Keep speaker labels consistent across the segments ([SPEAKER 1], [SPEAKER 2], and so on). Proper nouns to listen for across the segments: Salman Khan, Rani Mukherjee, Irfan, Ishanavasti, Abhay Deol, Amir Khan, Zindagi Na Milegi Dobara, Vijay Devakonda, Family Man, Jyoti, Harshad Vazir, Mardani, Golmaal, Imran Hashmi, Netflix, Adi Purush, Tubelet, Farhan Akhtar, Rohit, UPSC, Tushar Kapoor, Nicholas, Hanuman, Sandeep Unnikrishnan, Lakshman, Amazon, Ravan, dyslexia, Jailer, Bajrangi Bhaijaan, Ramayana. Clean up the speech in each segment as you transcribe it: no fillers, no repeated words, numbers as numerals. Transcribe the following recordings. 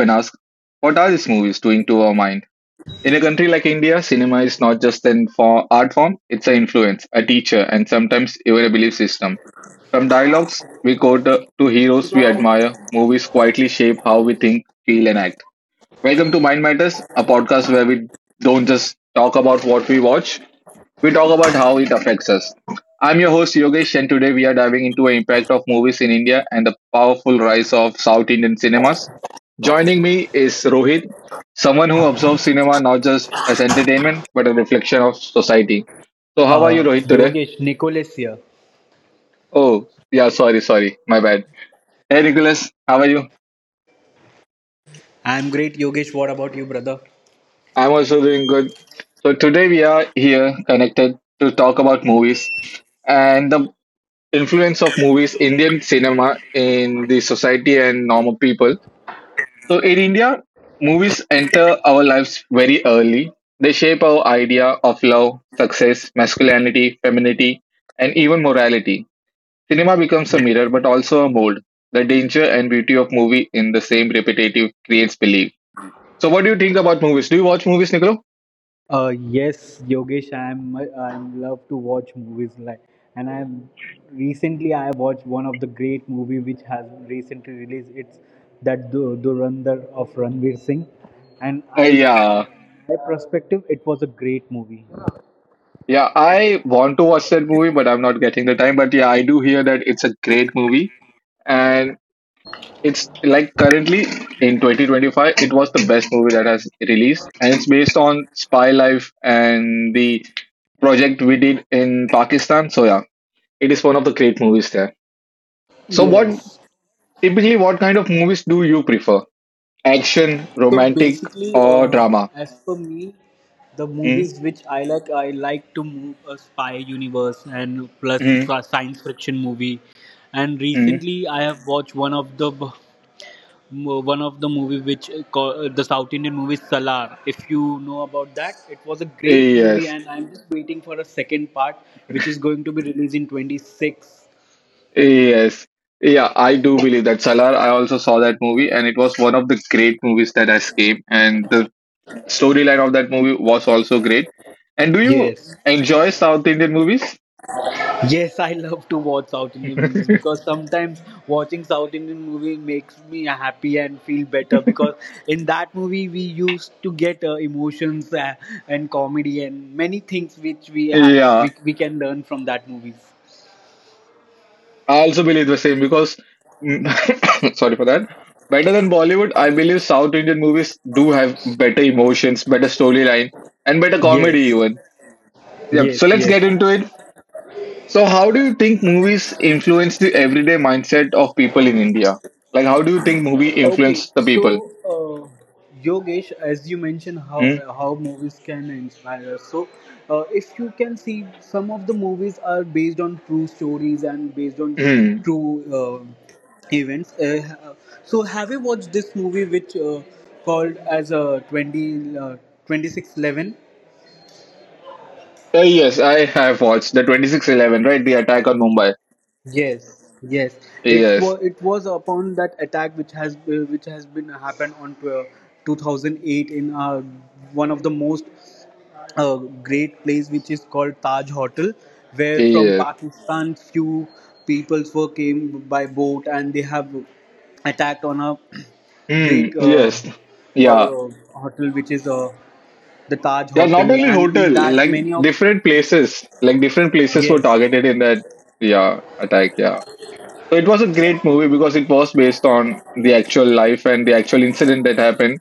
[SPEAKER 1] and ask, what are these movies doing to our mind? In a country like India, cinema is not just an for art form, it's an influence, a teacher, and sometimes even a belief system. From dialogues we quote to heroes we admire, movies quietly shape how we think, feel, and act. Welcome to Mind Matters, a podcast where we don't just talk about what we watch, we talk about how it affects us. I'm your host Yogesh, and today we are diving into the impact of movies in India and the powerful rise of South Indian cinemas. Joining me is Rohit, someone who observes cinema not just as entertainment but a reflection of society. So, how are you,
[SPEAKER 2] Uh,
[SPEAKER 1] Rohit, today?
[SPEAKER 2] Yogesh, Nicholas here.
[SPEAKER 1] Oh, yeah, sorry, sorry, my bad. Hey, Nicholas, how are you?
[SPEAKER 2] I'm great, Yogesh. What about you, brother?
[SPEAKER 1] I'm also doing good. So, today we are here connected to talk about movies. And the influence of movies, Indian cinema in the society and normal people. So in India, movies enter our lives very early. They shape our idea of love, success, masculinity, femininity, and even morality. Cinema becomes a
[SPEAKER 2] Yeah.
[SPEAKER 1] mirror but also a mold. The danger and beauty of movie in the same repetitive creates belief. So what do you think about movies? Do you watch movies, Niccolo?
[SPEAKER 2] Yes, Yogesh. I'm love to watch movies, like, and I'm recently I have watched one of the great movie which has recently released. It's that Durandar of Ranveer Singh, and I,
[SPEAKER 1] Yeah.
[SPEAKER 2] my perspective, it was a great movie.
[SPEAKER 1] Yeah, I want to watch that movie, but I'm not getting the time. But yeah, I do hear that it's a great movie. And it's like currently in 2025, it was the best movie that has released, and it's based on spy life and the project we did in Pakistan. So yeah, it is one of the great movies there. So what
[SPEAKER 2] Yes.
[SPEAKER 1] typically what kind of movies do you prefer? Action,
[SPEAKER 2] So
[SPEAKER 1] romantic,
[SPEAKER 2] basically,
[SPEAKER 1] or drama?
[SPEAKER 2] as for me, the
[SPEAKER 1] Mm,
[SPEAKER 2] movies which I like to move a spy universe and plus
[SPEAKER 1] mm,
[SPEAKER 2] a science fiction movie. And
[SPEAKER 1] mm.
[SPEAKER 2] recently, I have watched one of the movie which the South Indian movie Salar. If you know about that, it was a great movie,
[SPEAKER 1] Yes,
[SPEAKER 2] and I'm just waiting for a second part, which is going to be released in 26.
[SPEAKER 1] yes. Yeah, I do believe that Salar. I also saw that movie, and it was one of the great movies that has came. And the storyline of that movie was also great. And do you
[SPEAKER 2] Yes.
[SPEAKER 1] enjoy South Indian movies?
[SPEAKER 2] Yes, I love to watch South Indian movies because sometimes watching South Indian movie makes me happy and feel better, because in that movie we used to get emotions and comedy and many things which we have
[SPEAKER 1] Yeah,
[SPEAKER 2] we can learn from that movies.
[SPEAKER 1] I also believe the same because, sorry for that. Better than Bollywood, I believe South Indian movies do have better emotions, better storyline, and better comedy
[SPEAKER 2] Yes,
[SPEAKER 1] even. Yep. So
[SPEAKER 2] yes,
[SPEAKER 1] let's
[SPEAKER 2] yes.
[SPEAKER 1] get into it. So how do you think movies influence the everyday mindset of people in India? Like how do you think movie
[SPEAKER 2] Okay,
[SPEAKER 1] influence the people?
[SPEAKER 2] so, uh, Yogesh, as you mentioned, how
[SPEAKER 1] Hmm?
[SPEAKER 2] how movies can inspire us. So, if you can see, some of the movies are based on true stories and based on
[SPEAKER 1] Hmm.
[SPEAKER 2] true events. So, have you watched this movie which called as a 20, 26/11?
[SPEAKER 1] Yes, I have watched the 26/11, right? The attack on Mumbai.
[SPEAKER 2] Yes, yes.
[SPEAKER 1] Yes,
[SPEAKER 2] It was upon that attack which has been happened on 2008 in one of the most great place which is called Taj Hotel, where from
[SPEAKER 1] yes,
[SPEAKER 2] Pakistan few peoples were came by boat and they have attacked on a
[SPEAKER 1] mm,
[SPEAKER 2] great
[SPEAKER 1] yes, yeah,
[SPEAKER 2] hotel which is the Taj
[SPEAKER 1] yeah. Not
[SPEAKER 2] Hotel,
[SPEAKER 1] only
[SPEAKER 2] and
[SPEAKER 1] hotel,
[SPEAKER 2] in that
[SPEAKER 1] like
[SPEAKER 2] many of
[SPEAKER 1] different places, like different places were
[SPEAKER 2] yes,
[SPEAKER 1] targeted in that, yeah, attack. Yeah, so it was a great movie because it was based on the actual life and the actual incident that happened.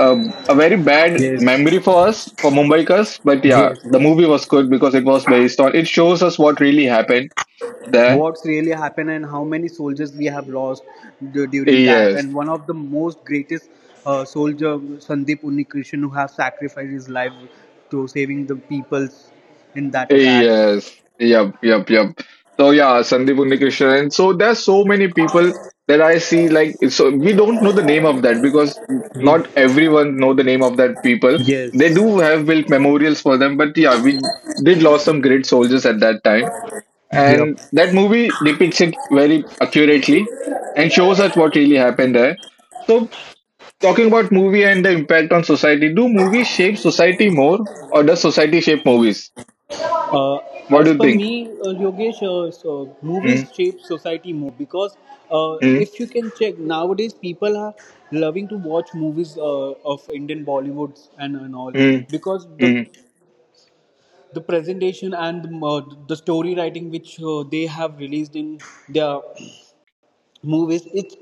[SPEAKER 1] A very bad memory
[SPEAKER 2] yes,
[SPEAKER 1] for us, for Mumbaikars, but yeah,
[SPEAKER 2] yes.
[SPEAKER 1] the movie was good because it was based on. It shows us what really happened there.
[SPEAKER 2] What's really happened and how many soldiers we have lost during that,
[SPEAKER 1] Yes,
[SPEAKER 2] and one of the most greatest soldier Sandeep Unnikrishnan who have sacrificed his life to saving the peoples in that attack.
[SPEAKER 1] yes. Yep. Yep. Yep. So yeah, Sandeep Unnikrishnan. And so there's so many people that I see like so we don't know the name of that because
[SPEAKER 2] Ye-
[SPEAKER 1] not everyone know the name of that people. They do
[SPEAKER 2] yes
[SPEAKER 1] have built memorials for them, but yeah, we did lost some great soldiers at that time.
[SPEAKER 2] yep.
[SPEAKER 1] And that movie depicts it very accurately and shows us what really happened there. So talking about movie and the impact on society, do movies shape society more or does society shape movies?
[SPEAKER 2] uh,
[SPEAKER 1] What
[SPEAKER 2] as
[SPEAKER 1] do you
[SPEAKER 2] per
[SPEAKER 1] think?
[SPEAKER 2] me, Yogesh, so movies
[SPEAKER 1] Hmm.
[SPEAKER 2] shape society more because
[SPEAKER 1] Mm,
[SPEAKER 2] if you can check nowadays, people are loving to watch movies of Indian Bollywoods and all,
[SPEAKER 1] mm,
[SPEAKER 2] because the
[SPEAKER 1] mm,
[SPEAKER 2] the presentation and the story writing which they have released in their movies, it's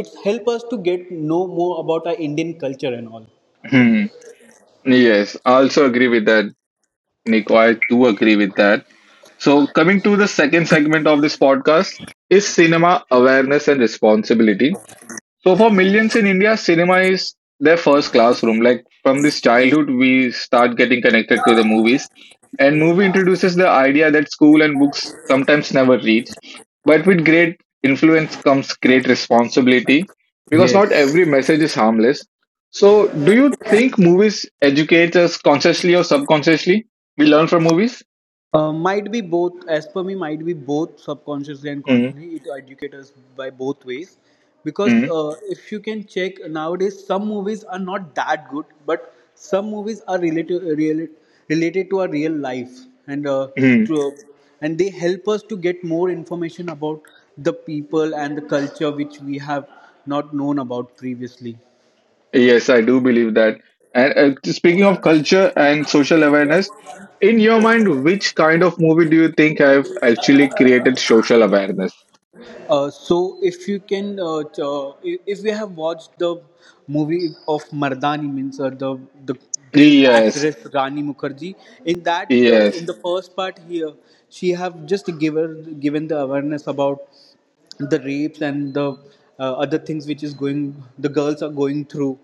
[SPEAKER 2] it's help us to get know more about our Indian culture and all.
[SPEAKER 1] mm. Yes, I also agree with that, Nico. I do agree with that. So, coming to the second segment of this podcast is cinema awareness and responsibility. So for millions in India, cinema is their first classroom. Like from this childhood, we start getting connected to the movies. And movie introduces the idea that school and books sometimes never reach. But with great influence comes great responsibility because not
[SPEAKER 2] Yes.
[SPEAKER 1] every message is harmless. So do you think movies educate us consciously or subconsciously? We learn from movies?
[SPEAKER 2] Might be both. As per me, might be both subconsciously and
[SPEAKER 1] Mm-hmm.
[SPEAKER 2] consciously. It educates us by both ways. Because if you can check nowadays, some movies are not that good, but some movies are related to our real life, and to, and they help us to get more information about the people and the culture which we have not known about previously.
[SPEAKER 1] Yes, I do believe that. And speaking of culture and social awareness, in your mind, which kind of movie do you think have actually created social awareness?
[SPEAKER 2] So if you can, t- I- If we have watched the movie of Mardani, means the great
[SPEAKER 1] Yes,
[SPEAKER 2] actress Rani Mukherjee, in that the in
[SPEAKER 1] yes,
[SPEAKER 2] the first part here, she have just given the awareness about the rapes and the other things which is going, the girls are going through,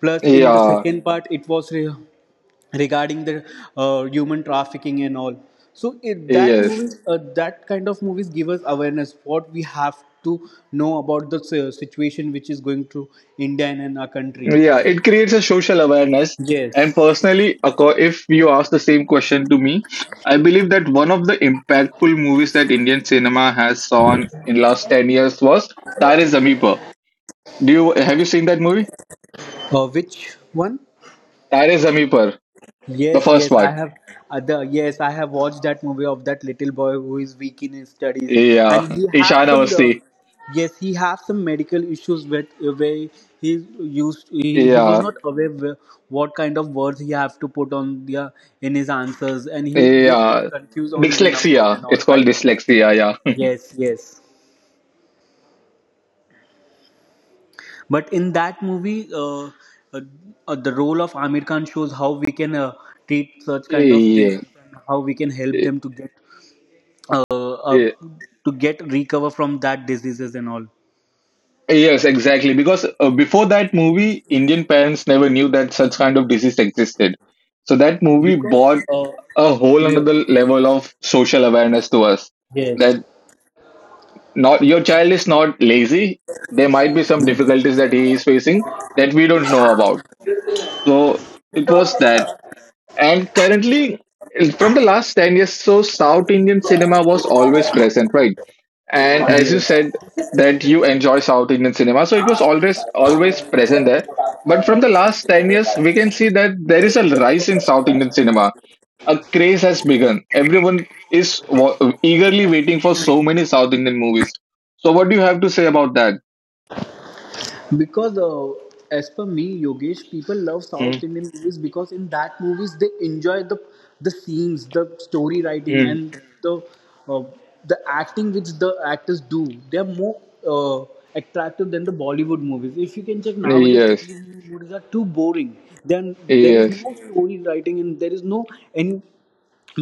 [SPEAKER 2] plus in the
[SPEAKER 1] yeah,
[SPEAKER 2] second part it was regarding the human trafficking and all. So it, that
[SPEAKER 1] yes,
[SPEAKER 2] movies, that kind of movies give us awareness what we have to know about the situation which is going through India and in our country.
[SPEAKER 1] yeah. It creates a social awareness. And
[SPEAKER 2] Yes.
[SPEAKER 1] personally, if you ask the same question to me, I believe that one of the impactful movies that Indian cinema has seen in last 10 years was Tare Zameen Par. Do you have you seen that movie?
[SPEAKER 2] Which one?
[SPEAKER 1] Tare Zameen Par, the
[SPEAKER 2] Yes,
[SPEAKER 1] first
[SPEAKER 2] yes,
[SPEAKER 1] one.
[SPEAKER 2] I have watched that movie of that little boy who is weak in his studies, and
[SPEAKER 1] Yeah.
[SPEAKER 2] he have some the
[SPEAKER 1] Ishanavasti.
[SPEAKER 2] yes, he have some medical issues with, where he used he was
[SPEAKER 1] Yeah.
[SPEAKER 2] not aware what kind of words he have to put on the, in his answers, and he get
[SPEAKER 1] Yeah.
[SPEAKER 2] confused on the numbers and
[SPEAKER 1] Dyslexia.
[SPEAKER 2] all,
[SPEAKER 1] It's called
[SPEAKER 2] right?
[SPEAKER 1] dyslexia. Yeah.
[SPEAKER 2] Yes, yes. But in that movie, uh, the role of Amir Khan shows how we can treat such kind of
[SPEAKER 1] Yes.
[SPEAKER 2] children and how we can help
[SPEAKER 1] Eh,
[SPEAKER 2] them to get uh, uh,
[SPEAKER 1] eh,
[SPEAKER 2] recover from that diseases and all,
[SPEAKER 1] Yes, exactly. Because before that movie, Indian parents never knew that such kind of disease existed. So that movie
[SPEAKER 2] because
[SPEAKER 1] brought
[SPEAKER 2] uh,
[SPEAKER 1] a whole
[SPEAKER 2] yes,
[SPEAKER 1] another level of social awareness to us that
[SPEAKER 2] yes,
[SPEAKER 1] not your child is not lazy. There might be some difficulties that he is facing that we don't know about. So it was that. And currently, from the last 10 years, so South Indian cinema was always present, right? And as you
[SPEAKER 2] yes.
[SPEAKER 1] said, that you enjoy South Indian cinema, so it was always present there. But from the last 10 years, we can see that there is a rise in South Indian cinema. A craze has begun. Everyone is eagerly waiting for so many South Indian movies. So, what do you have to say about that?
[SPEAKER 2] Because as per me, Yogesh, people love South
[SPEAKER 1] Mm,
[SPEAKER 2] Indian movies because in that movies they enjoy the scenes, the story writing
[SPEAKER 1] mm.
[SPEAKER 2] and uh, the acting which the actors do, they're more uh, attractive than the Bollywood movies. If you can check nowadays,
[SPEAKER 1] Yes,
[SPEAKER 2] Bollywood movies are too boring, then there is
[SPEAKER 1] yes.
[SPEAKER 2] no story writing and there is no any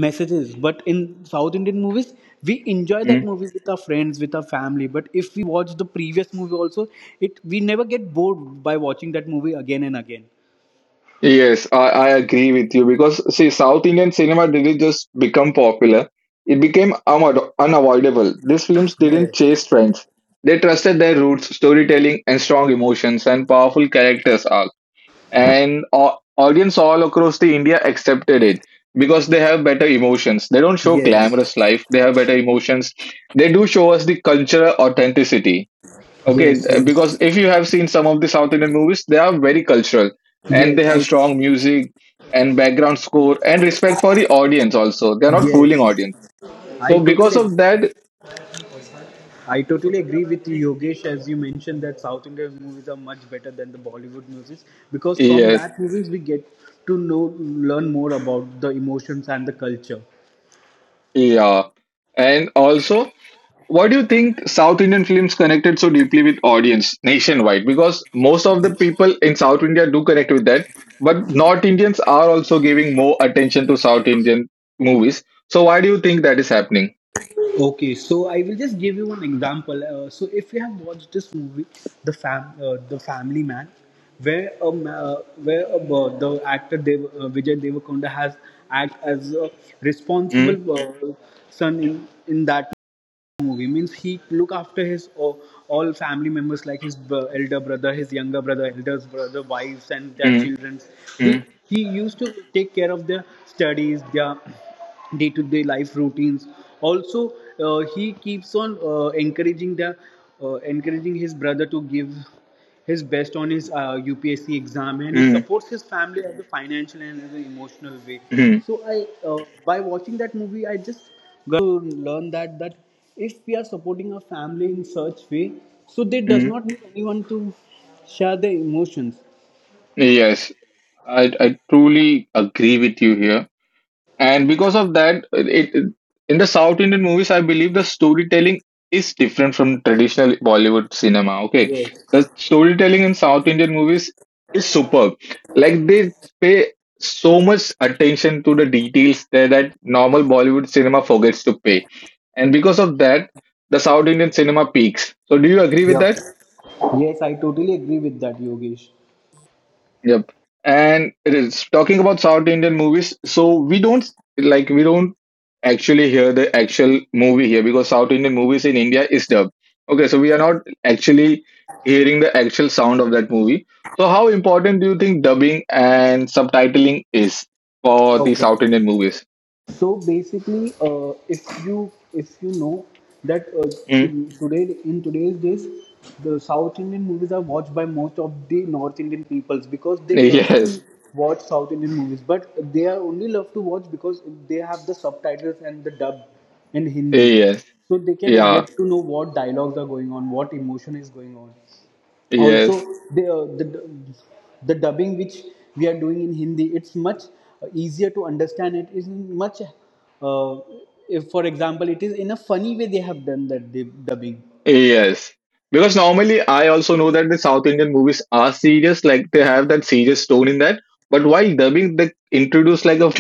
[SPEAKER 2] messages, but in South Indian movies we enjoy that movies with our friends, with our family. But if we watch the previous movie also, it we never get bored by watching that movie again and again.
[SPEAKER 1] Yes, I agree with you because see, South Indian cinema didn't just become popular; it became unavoidable. These films didn't
[SPEAKER 2] Yes,
[SPEAKER 1] chase trends; they trusted their roots, storytelling, and strong emotions and powerful characters. All and audience all across the India accepted it because they have better emotions. They don't show
[SPEAKER 2] yes,
[SPEAKER 1] glamorous life; they have better emotions. They do show us the cultural authenticity. Okay,
[SPEAKER 2] yes,
[SPEAKER 1] because
[SPEAKER 2] yes,
[SPEAKER 1] if you have seen some of the South Indian movies, they are very cultural and
[SPEAKER 2] yes.
[SPEAKER 1] they have
[SPEAKER 2] I,
[SPEAKER 1] strong music and background score and respect for the audience also. They're not fooling
[SPEAKER 2] yes,
[SPEAKER 1] audience.
[SPEAKER 2] I
[SPEAKER 1] So because of that,
[SPEAKER 2] totally agree with you, Yogesh. As you mentioned that South Indian movies are much better than the Bollywood movies, because from
[SPEAKER 1] yes,
[SPEAKER 2] that movies we get to know, learn more about the emotions and the culture.
[SPEAKER 1] yeah. And also, what do you think South Indian films connected so deeply with audience nationwide? Because most of the people in South India do connect with that, but North Indians are also giving more attention to South Indian movies. So why do you think that is happening?
[SPEAKER 2] Okay, so I will just give you an example. So if you have watched this movie, the Family Man, where a ma- where a, the actor Dev, Vijay Devakonda has act as a
[SPEAKER 1] Mm,
[SPEAKER 2] responsible son in that movie. Means he look after his all family members, like his elder brother, his younger brother, elders brother, wives, and their
[SPEAKER 1] mm,
[SPEAKER 2] children. They,
[SPEAKER 1] mm,
[SPEAKER 2] he used to take care of their studies, their day-to-day life routines. Also, he keeps on encouraging his brother to give his best on his UPSC exam, and he
[SPEAKER 1] mm.
[SPEAKER 2] supports his family as a financial and as an emotional way.
[SPEAKER 1] Mhm,
[SPEAKER 2] So I uh, by watching that movie, I just learn that if we are supporting our family in such way, so they does
[SPEAKER 1] mhm.
[SPEAKER 2] not need anyone to share their emotions.
[SPEAKER 1] Yes, I truly agree with you here. And because of that, in the South Indian movies, I believe the storytelling is different from traditional Bollywood cinema. Okay,
[SPEAKER 2] Yes.
[SPEAKER 1] the storytelling in South Indian movies is superb. Like they pay so much attention to the details that normal Bollywood cinema forgets to pay. And because of that, the South Indian cinema peaks. So, do you agree with
[SPEAKER 2] Yeah.
[SPEAKER 1] that?
[SPEAKER 2] Yes, I totally agree with that, Yogesh.
[SPEAKER 1] Yep. And it is talking about South Indian movies. So we don't like we don't actually hear the actual movie here because South Indian movies in India is dubbed. Okay, so we are not actually hearing the actual sound of that movie. So how important do you think dubbing and subtitling is for the
[SPEAKER 2] Okay.
[SPEAKER 1] South Indian movies?
[SPEAKER 2] So basically, if you know that,
[SPEAKER 1] Hmm?
[SPEAKER 2] today in today's days, the South Indian movies are watched by most of the North Indian peoples because they love to
[SPEAKER 1] Yes.
[SPEAKER 2] watch South Indian movies, but they are only love to watch because they have the subtitles and the dub in Hindi,
[SPEAKER 1] Yes.
[SPEAKER 2] so they can
[SPEAKER 1] Yeah.
[SPEAKER 2] get to know what dialogues are going on, what emotion is going on. Also
[SPEAKER 1] Yes.
[SPEAKER 2] the, uh, the the dubbing which we are doing in Hindi, it's much easier to understand. It is much, if for example it is in a funny way they have done that, the dubbing.
[SPEAKER 1] Yes. Because normally I also know that the South Indian movies are serious, like they have that serious tone in that. But while dubbing, they introduce like a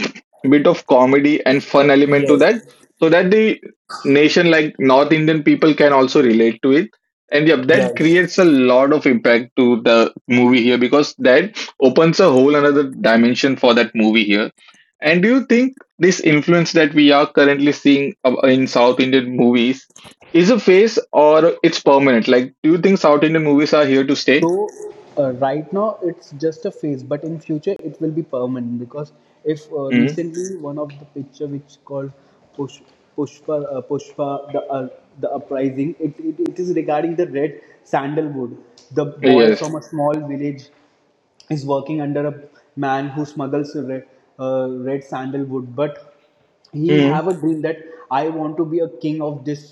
[SPEAKER 1] bit of comedy and fun element to
[SPEAKER 2] Yes,
[SPEAKER 1] that, so that the nation like North Indian people can also relate to it. And yeah, that
[SPEAKER 2] yes.
[SPEAKER 1] creates a lot of impact to the movie here because that opens a whole another dimension for that movie here. And do you think this influence that we are currently seeing in South Indian movies is a phase or it's permanent? Like, do you think South Indian movies are here to stay?
[SPEAKER 2] So right now it's just a phase, but in future it will be permanent because if
[SPEAKER 1] Mm.
[SPEAKER 2] recently one of the picture which called Push, Pushpa, the uh, the uprising, it is regarding the red sandalwood. The boy
[SPEAKER 1] Yes.
[SPEAKER 2] from a small village is working under a man who smuggles red sandalwood, but he
[SPEAKER 1] Mm.
[SPEAKER 2] have a dream that I want to be a king of this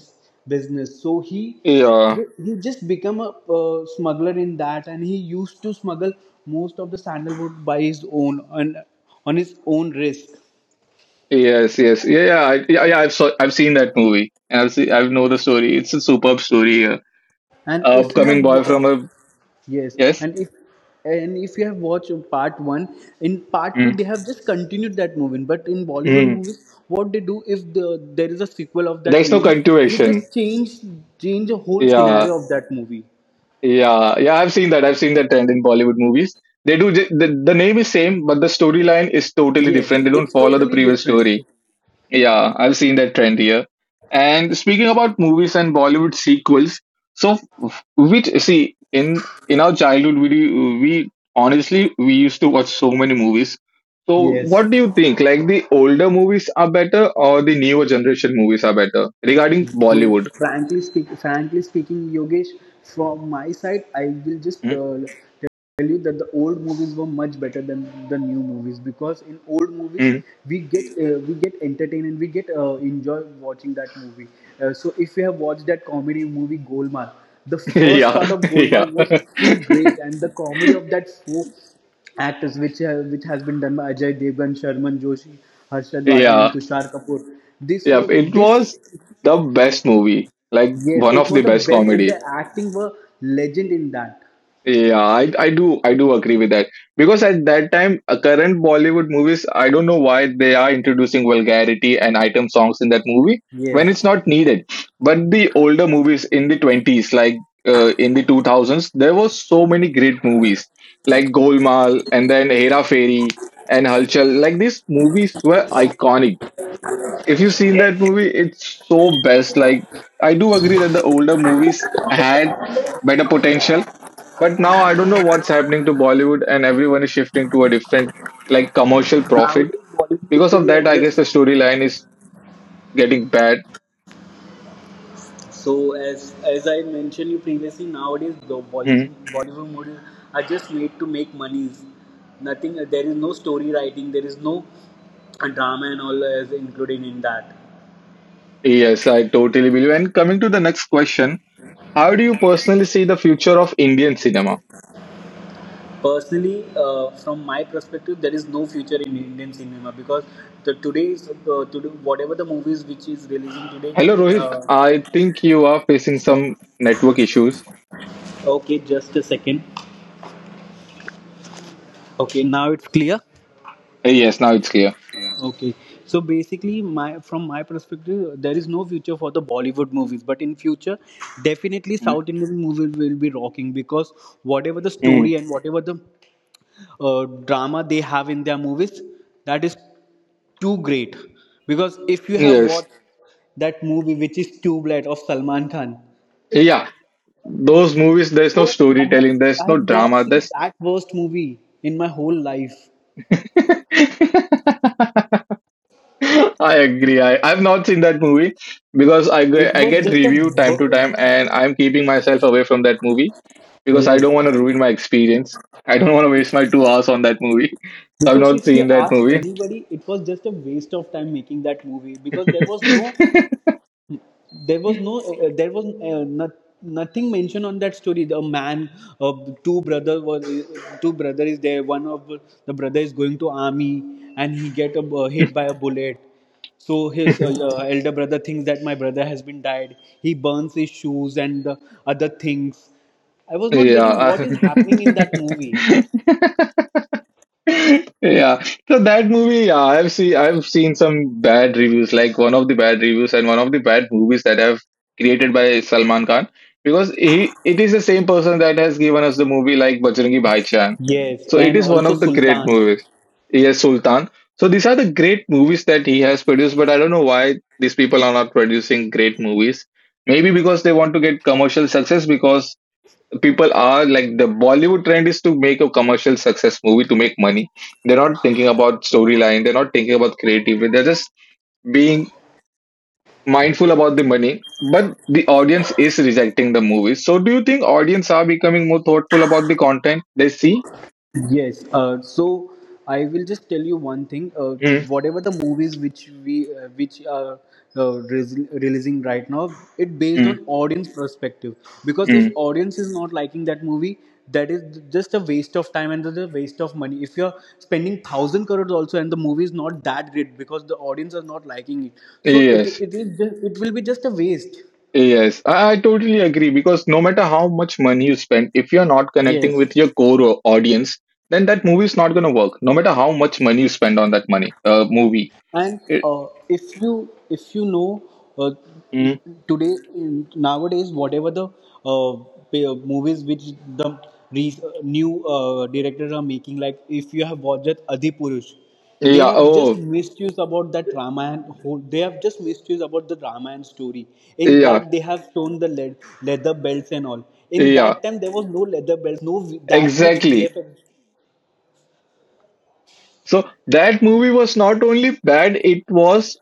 [SPEAKER 2] business. So
[SPEAKER 1] Yeah.
[SPEAKER 2] he just become a smuggler in that, and he used to smuggle most of the sandalwood by his own and on his own risk.
[SPEAKER 1] Yes. Yes. Yeah. Yeah. Yeah, yeah, I've seen that movie, and I know the story. It's a superb story here.
[SPEAKER 2] And
[SPEAKER 1] A
[SPEAKER 2] if you have
[SPEAKER 1] upcoming boy
[SPEAKER 2] wa-
[SPEAKER 1] from a
[SPEAKER 2] Yes,
[SPEAKER 1] yes.
[SPEAKER 2] and if you have watched part one, in part two
[SPEAKER 1] Mm.
[SPEAKER 2] they have just continued that movie. But in Bollywood
[SPEAKER 1] Mm.
[SPEAKER 2] movies, what they do, if there is a sequel of that
[SPEAKER 1] There's no
[SPEAKER 2] movie, they
[SPEAKER 1] continuation.
[SPEAKER 2] just change a whole
[SPEAKER 1] Yeah.
[SPEAKER 2] scenario of that movie.
[SPEAKER 1] Yeah. Yeah. I've seen that. I've seen that trend in Bollywood movies. They do. The name is same, but the storyline is totally
[SPEAKER 2] Yes,
[SPEAKER 1] different. They don't
[SPEAKER 2] it's
[SPEAKER 1] follow the
[SPEAKER 2] totally
[SPEAKER 1] previous
[SPEAKER 2] different.
[SPEAKER 1] story. Yeah, I've seen that trend here. And speaking about movies and Bollywood sequels, so which see in our childhood we do- we honestly we used to watch so many movies. So
[SPEAKER 2] Yes.
[SPEAKER 1] what do you think? Like the older movies are better or the newer generation movies are better regarding
[SPEAKER 2] So
[SPEAKER 1] Bollywood?
[SPEAKER 2] frankly speaking, Yogesh, from my side, I will just
[SPEAKER 1] Hmm?
[SPEAKER 2] tell you that the old movies were much better than the new movies because in old movies
[SPEAKER 1] Hmm.
[SPEAKER 2] we get entertained and we get enjoy watching that movie. So if you have watched that comedy movie Golmaal, the first
[SPEAKER 1] yeah,
[SPEAKER 2] part of
[SPEAKER 1] yeah,
[SPEAKER 2] Golmaal was too great, and the comedy of that four actors which has been done by Ajay Devgan, Sharman Joshi, Harshad Vazir, and
[SPEAKER 1] yeah,
[SPEAKER 2] Tushar Kapoor. This
[SPEAKER 1] yeah.
[SPEAKER 2] was
[SPEAKER 1] It
[SPEAKER 2] this
[SPEAKER 1] was the best movie, like
[SPEAKER 2] Yes,
[SPEAKER 1] one
[SPEAKER 2] it
[SPEAKER 1] of the
[SPEAKER 2] was the
[SPEAKER 1] best
[SPEAKER 2] best, and the
[SPEAKER 1] comedy.
[SPEAKER 2] acting were legend in that.
[SPEAKER 1] Yeah, I do agree with that because at that time, current Bollywood movies, I don't know why they are introducing vulgarity and item songs in that movie when it's
[SPEAKER 2] Yes.
[SPEAKER 1] not needed. But the older movies in the 20s, like in the 2000s, there were so many great movies like Golmaal and then Hera Fairy and Halchal. Like these movies were iconic. If you've seen that movie, it's so best. Like I do agree that the older movies had better potential, but now I don't know what's happening to Bollywood, and everyone is shifting to a different, like, commercial profit.
[SPEAKER 2] Nowadays, Bollywood
[SPEAKER 1] Because of
[SPEAKER 2] movies are
[SPEAKER 1] that, I
[SPEAKER 2] just
[SPEAKER 1] guess
[SPEAKER 2] to
[SPEAKER 1] the
[SPEAKER 2] of them.
[SPEAKER 1] storyline is getting bad.
[SPEAKER 2] So, as I mentioned you previously, nowadays the
[SPEAKER 1] Hmm.
[SPEAKER 2] Bollywood movies are just made to make monies. Nothing. There is no story writing. There is no drama and all is included in that.
[SPEAKER 1] Yes, I totally believe. And coming to the next question, how do you personally see the future of Indian cinema?
[SPEAKER 2] Personally, from my perspective, there is no future in Indian cinema because the today's today, whatever the movies which is releasing today.
[SPEAKER 1] Hello, Rohit.
[SPEAKER 2] uh,
[SPEAKER 1] I think you are facing some network issues.
[SPEAKER 2] okay just a second. Okay, now it's clear.
[SPEAKER 1] Yes, now it's clear.
[SPEAKER 2] Okay, so basically, my from my perspective, there is no future for the Bollywood movies, but in future definitely
[SPEAKER 1] Hmm.
[SPEAKER 2] South Indian movies will be rocking because whatever the story
[SPEAKER 1] Hmm.
[SPEAKER 2] and whatever the drama they have in their movies, that is too great. Because if you have
[SPEAKER 1] Yes.
[SPEAKER 2] watched that movie which is Tubelet of Salman Khan,
[SPEAKER 1] Yeah. Those movies, there's no
[SPEAKER 2] bro, I have
[SPEAKER 1] storytelling, there's
[SPEAKER 2] I
[SPEAKER 1] no
[SPEAKER 2] have not
[SPEAKER 1] drama,
[SPEAKER 2] seen
[SPEAKER 1] there's
[SPEAKER 2] that worst movie in my whole life.
[SPEAKER 1] I agree. I've not seen that movie because
[SPEAKER 2] It
[SPEAKER 1] I
[SPEAKER 2] was
[SPEAKER 1] get
[SPEAKER 2] just a
[SPEAKER 1] review time to
[SPEAKER 2] wo-
[SPEAKER 1] time, and I'm keeping myself away from that movie because I
[SPEAKER 2] Yes,
[SPEAKER 1] don't want to ruin my experience. I don't want to waste my 2 hours on that movie. I've
[SPEAKER 2] because
[SPEAKER 1] not
[SPEAKER 2] if you
[SPEAKER 1] seen that
[SPEAKER 2] ask
[SPEAKER 1] movie.
[SPEAKER 2] anybody, it was just a waste of time making that movie because there was no, there was no, there was not, nothing mentioned on that story. The man, uh, two brother was, Two brother is there. One of the brother is going to army and he get hit by a bullet. So his elder brother thinks that my brother has been died. He burns his shoes and the other things. I was not getting what
[SPEAKER 1] Yeah.
[SPEAKER 2] is happening in that movie.
[SPEAKER 1] Yeah, so that movie, yeah, I've seen some bad reviews, like one of the bad reviews and one of the bad movies that have created by Salman Khan, because he it is the same person that has given us the movie like Bajrangi Bhaijaan,
[SPEAKER 2] Yes,
[SPEAKER 1] so it
[SPEAKER 2] and
[SPEAKER 1] is one
[SPEAKER 2] also
[SPEAKER 1] of the great
[SPEAKER 2] Sultan.
[SPEAKER 1] movies. Yes, Sultan. So these are the great movies that he has produced, but I don't know why these people are not producing great movies. Maybe because they want to get commercial success, because people are like, the Bollywood trend is to make a commercial success movie to make money. They're not thinking about storyline, they're not thinking about creativity, they're just being mindful about the money. But the audience is rejecting the movies. So do you think audience are becoming more thoughtful about the content they see?
[SPEAKER 2] Yes, so I will just tell you one thing.
[SPEAKER 1] Mm,
[SPEAKER 2] Whatever the movies which we which are re- releasing right now, it based
[SPEAKER 1] mm,
[SPEAKER 2] on audience perspective. Because if
[SPEAKER 1] mm.
[SPEAKER 2] audience is not liking that movie, that is just a waste of time and the waste of money. If you're spending thousand crores also and the movie is not that great because the audience are not liking it, so it
[SPEAKER 1] Yes.
[SPEAKER 2] it is just, it will be just a waste.
[SPEAKER 1] Yes, I totally agree, because no matter how much money you spend, if you're not connecting
[SPEAKER 2] Yes.
[SPEAKER 1] with your audience, then that movie is not going to work. No matter how much money you spend on that money, movie.
[SPEAKER 2] And if you know uh,
[SPEAKER 1] Mm.
[SPEAKER 2] today nowadays whatever the uh, movies which the re- new directors are making, like if you have watched Adi Purush,
[SPEAKER 1] Yeah. Oh,
[SPEAKER 2] they have just misused about the Ramayana story. In
[SPEAKER 1] yeah.
[SPEAKER 2] that they have shown the leather belts and all. In
[SPEAKER 1] Yeah.
[SPEAKER 2] that time there was no leather belts, no v- that much
[SPEAKER 1] Exactly.
[SPEAKER 2] VFX.
[SPEAKER 1] So that movie was not only bad, it was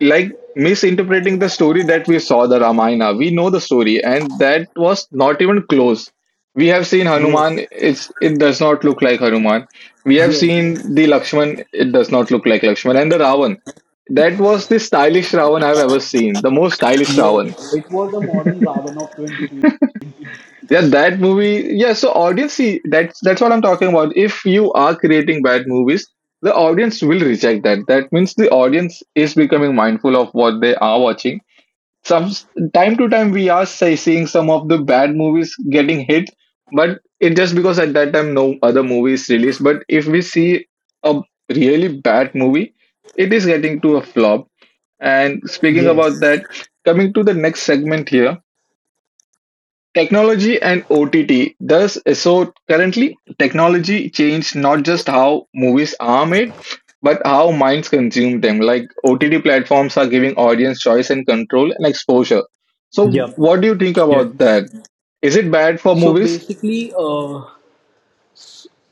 [SPEAKER 1] like misinterpreting the story that we saw, the Ramayana. We know the story, and that was not even close. We have seen
[SPEAKER 2] Yes,
[SPEAKER 1] Hanuman, it does not look like Hanuman. We have seen
[SPEAKER 2] yes,
[SPEAKER 1] the Lakshman, it does not look like Lakshman, and the Ravan. That was the stylish Ravan I've ever seen, the most stylish Ravan.
[SPEAKER 2] yes, it was a modern Ravan of 2020.
[SPEAKER 1] Yeah, that movie. Yeah, so audience, see, that's what I'm talking about. If you are creating bad movies, the audience will reject that. That means the audience is becoming mindful of what they are watching. Some time to time, we are seeing some of the bad movies getting hit, but it just because at that time no other movie is released. But if we see a really bad movie, it is getting to a flop. And speaking about
[SPEAKER 2] Yes.
[SPEAKER 1] that, coming to the next segment here, Technology and OTT. Thus, so currently, technology changed not just how movies are made, but how minds consume them. Like OTT platforms are giving audience choice and control and exposure. So,
[SPEAKER 2] Yep.
[SPEAKER 1] what do you think about
[SPEAKER 2] Yes.
[SPEAKER 1] that? Is it bad for
[SPEAKER 2] So
[SPEAKER 1] movies?
[SPEAKER 2] basically, uh,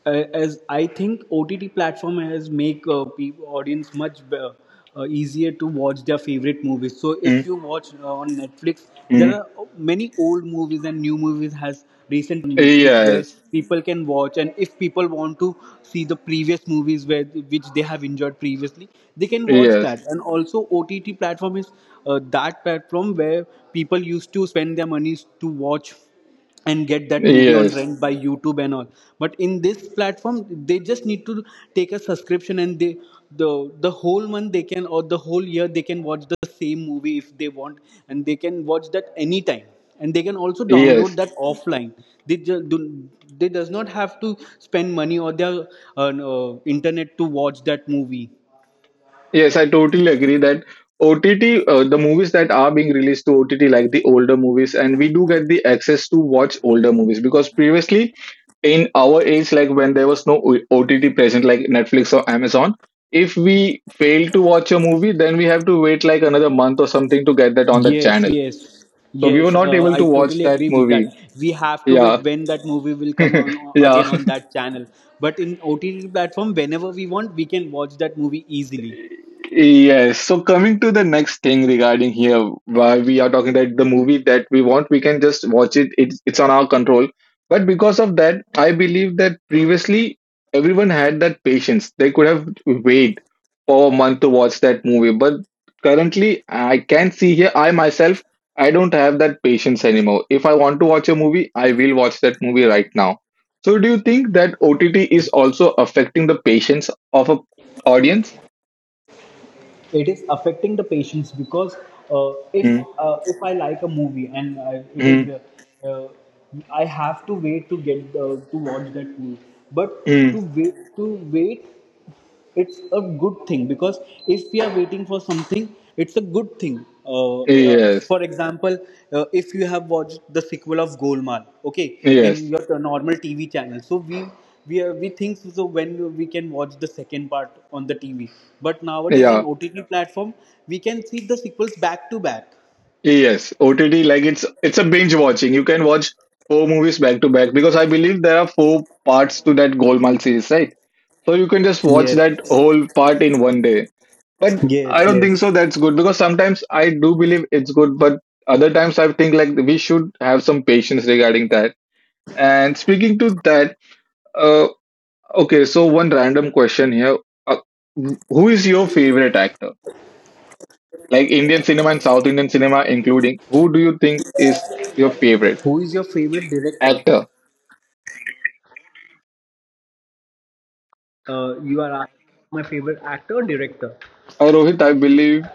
[SPEAKER 2] uh, as I think OTT platform has make audience much easier to watch their favorite movies. So if
[SPEAKER 1] Mm,
[SPEAKER 2] you watch on Netflix, there
[SPEAKER 1] mm.
[SPEAKER 2] are many old movies and new movies has recently on Netflix where
[SPEAKER 1] Yes,
[SPEAKER 2] people can watch. And if people want to see the previous movies where which they have enjoyed previously, they can watch
[SPEAKER 1] yes,
[SPEAKER 2] that. And also OTT platform is that platform where people used to spend their monies to watch and get that movie on
[SPEAKER 1] yes,
[SPEAKER 2] rent by YouTube and all. But in this platform they just need to take a subscription and the the whole month they can, or the whole year they can watch the same movie if they want, and they can watch that anytime, and they can also download
[SPEAKER 1] yes.
[SPEAKER 2] that offline. They just do they does not have to spend money or their no, internet to watch that movie.
[SPEAKER 1] Yes, I totally agree that OTT, the movies that are being released to OTT, like the older movies, and we do get the access to watch older movies, because previously, in our age, like when there was no OTT present, like Netflix or Amazon, if we fail to watch a movie, then we have to wait like another month or something to get that on the
[SPEAKER 2] Yes,
[SPEAKER 1] channel.
[SPEAKER 2] yes,
[SPEAKER 1] So we were
[SPEAKER 2] yes.
[SPEAKER 1] not able to
[SPEAKER 2] I
[SPEAKER 1] watch
[SPEAKER 2] totally
[SPEAKER 1] that
[SPEAKER 2] agree with that.
[SPEAKER 1] movie.
[SPEAKER 2] We have to wait
[SPEAKER 1] Yeah,
[SPEAKER 2] when that movie will come on again
[SPEAKER 1] yeah.
[SPEAKER 2] on that channel. But in OTT platform, whenever we want, we can watch that movie easily.
[SPEAKER 1] Yes. So coming to the next thing regarding here, why we are talking that the movie that we want, we can just watch it. It's on our control. But because of that, I believe that previously everyone had that patience. They could have waited for a month to watch that movie. But currently, I can see here, I myself, I don't have that patience anymore. If I want to watch a movie, I will watch that movie right now. So do you think that OTT is also affecting the patience of a audience?
[SPEAKER 2] It is affecting the patients because uh, if if I like a movie and it is
[SPEAKER 1] Mm,
[SPEAKER 2] I have to wait to get to watch that movie. But to
[SPEAKER 1] mm,
[SPEAKER 2] wait, it's a good thing, because if we are waiting for something it's a good thing.
[SPEAKER 1] yes,
[SPEAKER 2] For example, if you have watched the sequel of Golmaal, okay, in
[SPEAKER 1] yes,
[SPEAKER 2] your normal TV channel, so we think, when we can watch the second part on the TV. But nowadays in
[SPEAKER 1] yeah,
[SPEAKER 2] OTT platform we can see the sequels back to back.
[SPEAKER 1] yes. OTT, like it's a binge watching. You can watch four movies back to back, because I believe there are four parts to that Golmaal series, right? So you can just watch that
[SPEAKER 2] Yes,
[SPEAKER 1] whole part in one day. But
[SPEAKER 2] yes,
[SPEAKER 1] I don't
[SPEAKER 2] yes.
[SPEAKER 1] think so that's good, because sometimes I do believe it's good, but other times I think like we should have some patience regarding that. And speaking to that, uh, okay. So one random question here: uh, who is your favorite actor? Like Indian cinema and South Indian cinema, including who do you think is your favorite
[SPEAKER 2] Who is your favorite director?
[SPEAKER 1] actor?
[SPEAKER 2] You are asking my favorite actor or director?
[SPEAKER 1] Rohit, I believe.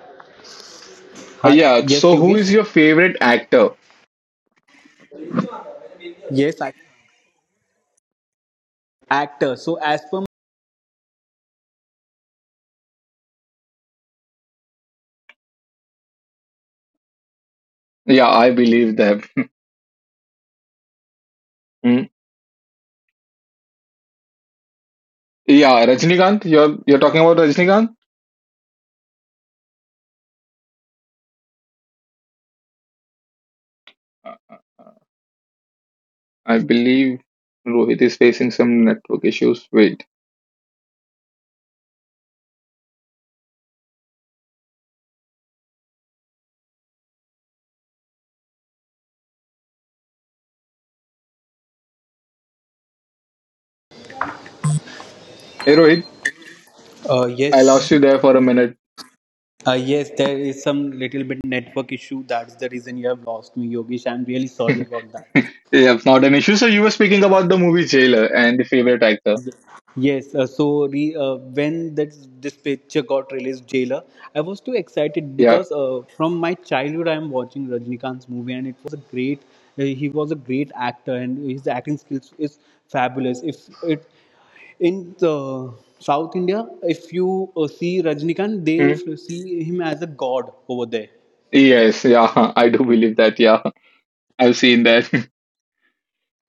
[SPEAKER 2] Hi,
[SPEAKER 1] Yeah.
[SPEAKER 2] yes
[SPEAKER 1] So who
[SPEAKER 2] Yogesh,
[SPEAKER 1] is your favorite actor?
[SPEAKER 2] yes I actor. So as per.
[SPEAKER 1] Yeah, I believe that. Mm. Yeah, Rajnikant. You're talking about Rajnikant. I believe Rohit is facing some network issues. Wait, hey Rohit,
[SPEAKER 2] Uh,
[SPEAKER 1] I lost
[SPEAKER 2] yes,
[SPEAKER 1] you there for a minute.
[SPEAKER 2] yes, there is some little bit network issue. That's the reason you have lost me, Yogesh. I'm really sorry about that.
[SPEAKER 1] Yeah, not an issue. So you were speaking about the movie Jailer and the favorite actor.
[SPEAKER 2] Yes, when this picture got released, Jailer, I was too excited
[SPEAKER 1] Yeah.
[SPEAKER 2] because from my childhood I am watching Rajnikant's movie, and it was a great, he was a great actor and his acting skills is fabulous. If it In the South India, if you see Rajnikant, they
[SPEAKER 1] Mm.
[SPEAKER 2] see him as a god over there.
[SPEAKER 1] Yes. Yeah. I do believe that. Yeah, I've seen that.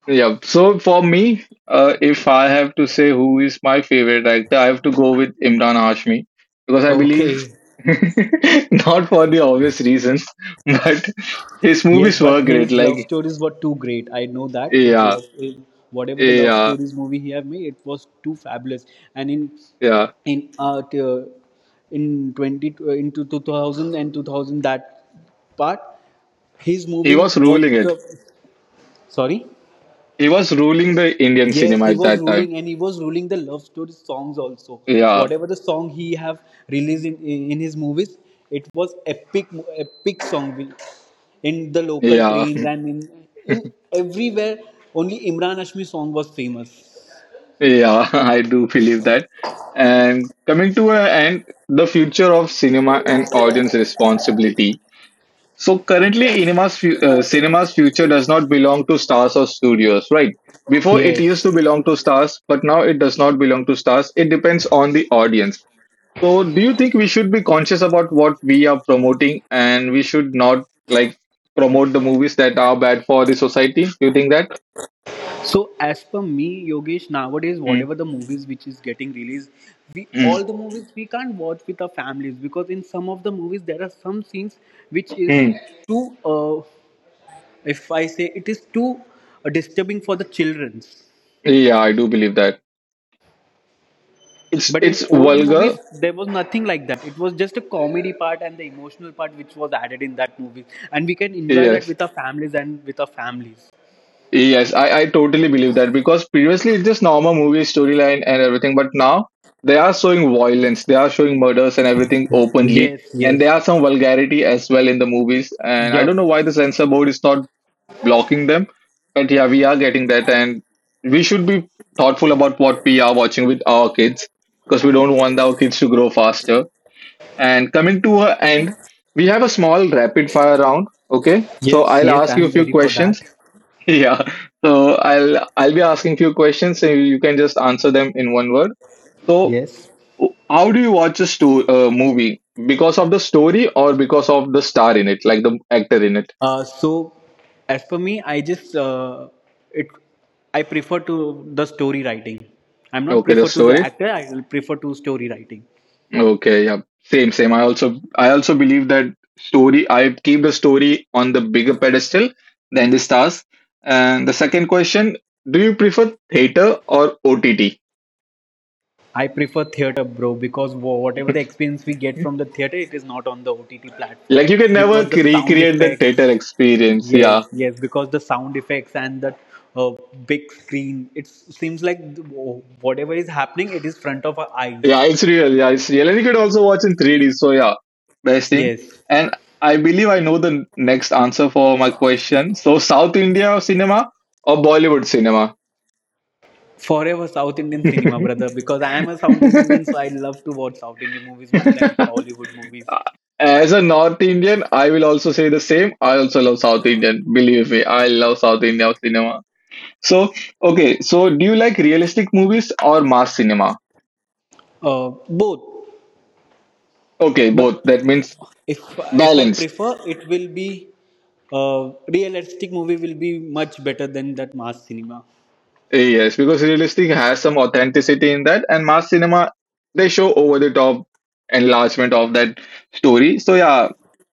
[SPEAKER 1] Yeah. So for me, if I have to say who is my favorite actor, I have to go with Imran Hashmi, because I believe
[SPEAKER 2] Okay.
[SPEAKER 1] not for the obvious reasons, but his
[SPEAKER 2] Yes,
[SPEAKER 1] movies were
[SPEAKER 2] but
[SPEAKER 1] great.
[SPEAKER 2] his love
[SPEAKER 1] Like
[SPEAKER 2] stories were too great. I know that it's
[SPEAKER 1] yeah,
[SPEAKER 2] love. In whatever the love
[SPEAKER 1] yeah,
[SPEAKER 2] stories movie he have made, it was too fabulous. And
[SPEAKER 1] yeah.
[SPEAKER 2] in uh, t- uh, in twenty t- into 2002 thousand that part, his
[SPEAKER 1] He
[SPEAKER 2] movie
[SPEAKER 1] was
[SPEAKER 2] was
[SPEAKER 1] ruling it.
[SPEAKER 2] the sorry.
[SPEAKER 1] He was ruling the Indian
[SPEAKER 2] Yes,
[SPEAKER 1] cinema
[SPEAKER 2] he
[SPEAKER 1] at
[SPEAKER 2] was
[SPEAKER 1] that time.
[SPEAKER 2] ruling, and he was ruling the love story songs also.
[SPEAKER 1] Yeah,
[SPEAKER 2] Whatever the song he have released in his movies, it was epic, epic song, in the local
[SPEAKER 1] yeah,
[SPEAKER 2] trains and in everywhere. Only Imran Hashmi song was famous.
[SPEAKER 1] yeah. I do believe that. And coming to an end, the future of cinema and audience responsibility. So currently, cinema's future does not belong to stars or studios, right? Before it used to
[SPEAKER 2] Yes.
[SPEAKER 1] belong to stars, but now it does not belong to stars. It depends on the audience. So, do you think we should be conscious about what we are promoting, and we should not like promote the movies that are bad for the society? Do you think that?
[SPEAKER 2] So as per me, Yogesh, nowadays
[SPEAKER 1] Mm,
[SPEAKER 2] whatever the movies which is getting released, we
[SPEAKER 1] mm,
[SPEAKER 2] all the movies we can't watch with our families, because in some of the movies there are some scenes which is
[SPEAKER 1] mm.
[SPEAKER 2] too uh, if I say, it is too disturbing for the children's.
[SPEAKER 1] Yeah, I do believe that. It's
[SPEAKER 2] But in
[SPEAKER 1] it's
[SPEAKER 2] old movies
[SPEAKER 1] vulgar.
[SPEAKER 2] there was nothing like that, it was just a comedy part and the emotional part which was added in that movie, and we can enjoy that
[SPEAKER 1] Yes.
[SPEAKER 2] with our families
[SPEAKER 1] Yes, I totally believe that, because previously it's just normal movie storyline and everything, but now they are showing violence, they are showing murders and everything openly,
[SPEAKER 2] yes,
[SPEAKER 1] and
[SPEAKER 2] yes,
[SPEAKER 1] there are some vulgarity as well in the movies. And I
[SPEAKER 2] yep,
[SPEAKER 1] don't know why the censor board is not blocking them, but yeah, we are getting that, and we should be thoughtful about what we are watching with our kids, because we don't want our kids to grow faster. And coming to a end, we have a small rapid fire round. Okay, so
[SPEAKER 2] yes,
[SPEAKER 1] I'll
[SPEAKER 2] yes,
[SPEAKER 1] ask you a
[SPEAKER 2] I'm
[SPEAKER 1] few
[SPEAKER 2] ready for that.
[SPEAKER 1] questions. Yeah. So I'll be asking few questions and you can just answer them in one word. So
[SPEAKER 2] Yes,
[SPEAKER 1] how do you watch a movie? Because of the story or because of the star in it, like the actor in it?
[SPEAKER 2] so as for me, I just it I prefer to the story writing, I'm not
[SPEAKER 1] Okay, the
[SPEAKER 2] prefer to the
[SPEAKER 1] story.
[SPEAKER 2] actor, I will prefer to story writing.
[SPEAKER 1] Okay, yeah. Same, same. I also believe that story, I keep the story on the bigger pedestal than the stars. And the second question, do you prefer theater or OTT?
[SPEAKER 2] I prefer theater, bro, because whatever the experience we get from the theater, it is not on the OTT platform,
[SPEAKER 1] Like you can never
[SPEAKER 2] because the sound
[SPEAKER 1] recreate the theater
[SPEAKER 2] effects.
[SPEAKER 1] experience. Yeah.
[SPEAKER 2] Yes, yes, because the sound effects and that uh, big screen. It seems like whatever is happening, it is front of our eyes.
[SPEAKER 1] Yeah, it's real. Yeah, it's real. And you could also watch in 3D. So, yeah, best thing.
[SPEAKER 2] Yes,
[SPEAKER 1] And I believe I know the next answer for my question. So, South India cinema or Bollywood cinema?
[SPEAKER 2] forever South Indian cinema, brother. Because I am a South Indian, so I love to watch South Indian movies more than Bollywood movies.
[SPEAKER 1] As a North Indian, I will also say the same. I also love South Indian. Believe me, I love South India cinema. So, okay, so do you like realistic movies or mass cinema?
[SPEAKER 2] Both,
[SPEAKER 1] Okay,
[SPEAKER 2] but
[SPEAKER 1] both. That means
[SPEAKER 2] if if I
[SPEAKER 1] balanced.
[SPEAKER 2] prefer, it will be realistic movie will be much better than that mass cinema.
[SPEAKER 1] Yes, because realistic has some authenticity in that, and mass cinema they show over the top enlargement of that story. So yeah,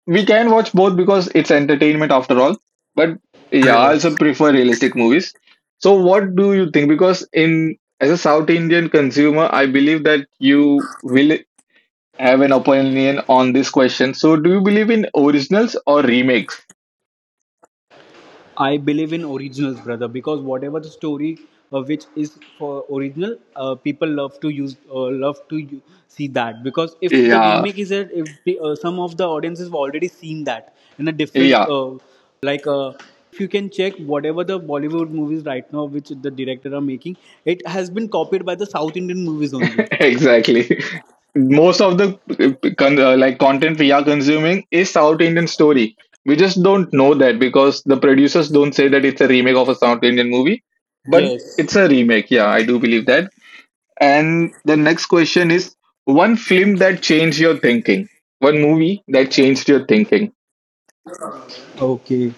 [SPEAKER 1] we can watch both, because it's entertainment after all. But yeah, I
[SPEAKER 2] Yes.
[SPEAKER 1] also prefer realistic movies. So what do you think? Because in as a South Indian consumer, I believe that you will have an opinion on this question. So do you believe in originals or remakes?
[SPEAKER 2] I believe in originals, brother, because whatever the story which is for original, people love to use, love to see that. Because if the
[SPEAKER 1] Yeah,
[SPEAKER 2] remake is there, if the, some of the audiences have already seen that in a different,
[SPEAKER 1] yeah.
[SPEAKER 2] like, uh, you can check whatever the Bollywood movies right now, which the director are making, it has been copied by the South Indian movies only.
[SPEAKER 1] Exactly, most of the like content we are consuming is South Indian story. We just don't know that, because the producers don't say that it's a remake of a South Indian movie, but
[SPEAKER 2] Yes.
[SPEAKER 1] it's a remake. Yeah, I do believe that. And the next question is, one film that changed your thinking. One movie that changed your thinking.
[SPEAKER 2] Okay.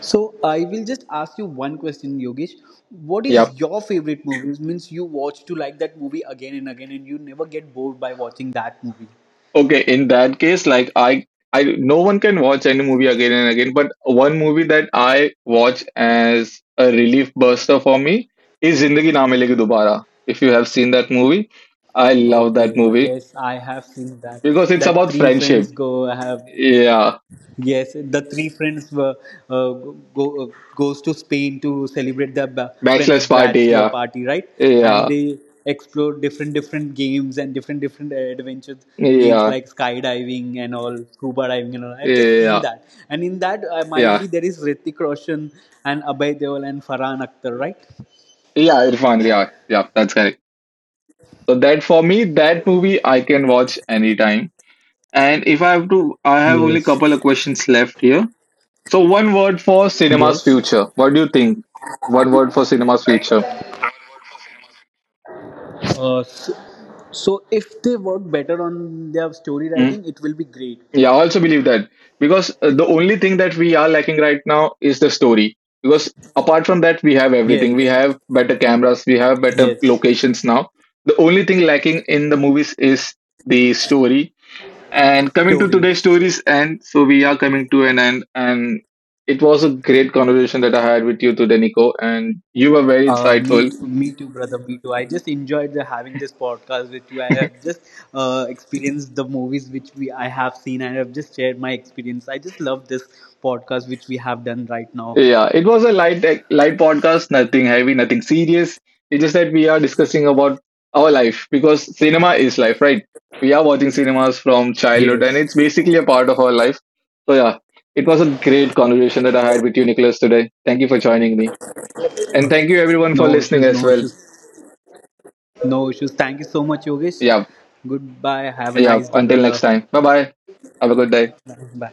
[SPEAKER 2] So I will just ask you one question, Yogesh. What
[SPEAKER 1] Yeah.
[SPEAKER 2] is your favorite movie? It means you watch to like that movie again and again, and you never get bored by watching that movie.
[SPEAKER 1] Okay, in that case, like no one can watch any movie again and again. But one movie that I watch as a relief buster for me is "Zindagi Na Milegi Dobara." If you have seen that movie, I love that
[SPEAKER 2] Okay.
[SPEAKER 1] movie
[SPEAKER 2] Yes, I have seen that.
[SPEAKER 1] because it's
[SPEAKER 2] That
[SPEAKER 1] about
[SPEAKER 2] three friends
[SPEAKER 1] friendship.
[SPEAKER 2] go. I have.
[SPEAKER 1] Yeah,
[SPEAKER 2] Yes, the three friends were uh, go goes to Spain to celebrate their friend's
[SPEAKER 1] bachelor's party.
[SPEAKER 2] bachelor
[SPEAKER 1] Yeah,
[SPEAKER 2] party, right? And
[SPEAKER 1] yeah,
[SPEAKER 2] they explore different different games and different different adventures games
[SPEAKER 1] yeah,
[SPEAKER 2] like skydiving and all, scuba diving and all. I've just seen
[SPEAKER 1] yeah,
[SPEAKER 2] that, and in that might be
[SPEAKER 1] yeah,
[SPEAKER 2] there is Ritik Roshan and Abhay Deol and Farhan Akhtar, right?
[SPEAKER 1] yeah. Irfan. Yeah, yeah. That's correct. So that for me, that movie I can watch anytime. And if I have to, I have only
[SPEAKER 2] Yes,
[SPEAKER 1] couple of questions left here. So one word for cinema's
[SPEAKER 2] yes.
[SPEAKER 1] future. What do you think? One word for cinema's future.
[SPEAKER 2] Uh, so, so if they work better on their story
[SPEAKER 1] Mm.
[SPEAKER 2] writing, it will be great.
[SPEAKER 1] Yeah, I also believe that, because the only thing that we are lacking right now is the story. Because apart from that, we have
[SPEAKER 2] Yes,
[SPEAKER 1] everything. We have better cameras. We have better
[SPEAKER 2] yes.
[SPEAKER 1] locations now. The only thing lacking in the movies is the story. And coming to
[SPEAKER 2] Story.
[SPEAKER 1] today's stories, and so we are coming to an end. And it was a great conversation that I had with you today, Nico. And you were very
[SPEAKER 2] Me
[SPEAKER 1] insightful.
[SPEAKER 2] too, me too, brother. Me too. I just enjoyed the, having this podcast with you. I have just experienced the movies which we I have seen, and I have just shared my experience. I just love this podcast which we have done right now.
[SPEAKER 1] Yeah, it was a light light podcast, nothing heavy, nothing serious. It's just that we are discussing about our life because cinema is life, right? We are watching cinemas from childhood and it's
[SPEAKER 2] Yes,
[SPEAKER 1] basically a part of our life. So yeah, it was a great conversation that I had with you, Nicholas, today. Thank you for joining me. And thank you everyone for
[SPEAKER 2] no
[SPEAKER 1] listening
[SPEAKER 2] issues,
[SPEAKER 1] as
[SPEAKER 2] no
[SPEAKER 1] well.
[SPEAKER 2] issues, no issues. Thank you so much, Yogesh.
[SPEAKER 1] Yeah,
[SPEAKER 2] Goodbye. Have a
[SPEAKER 1] yeah.
[SPEAKER 2] nice day,
[SPEAKER 1] Until next
[SPEAKER 2] brother.
[SPEAKER 1] time. Bye bye. Have a good day.
[SPEAKER 2] Bye.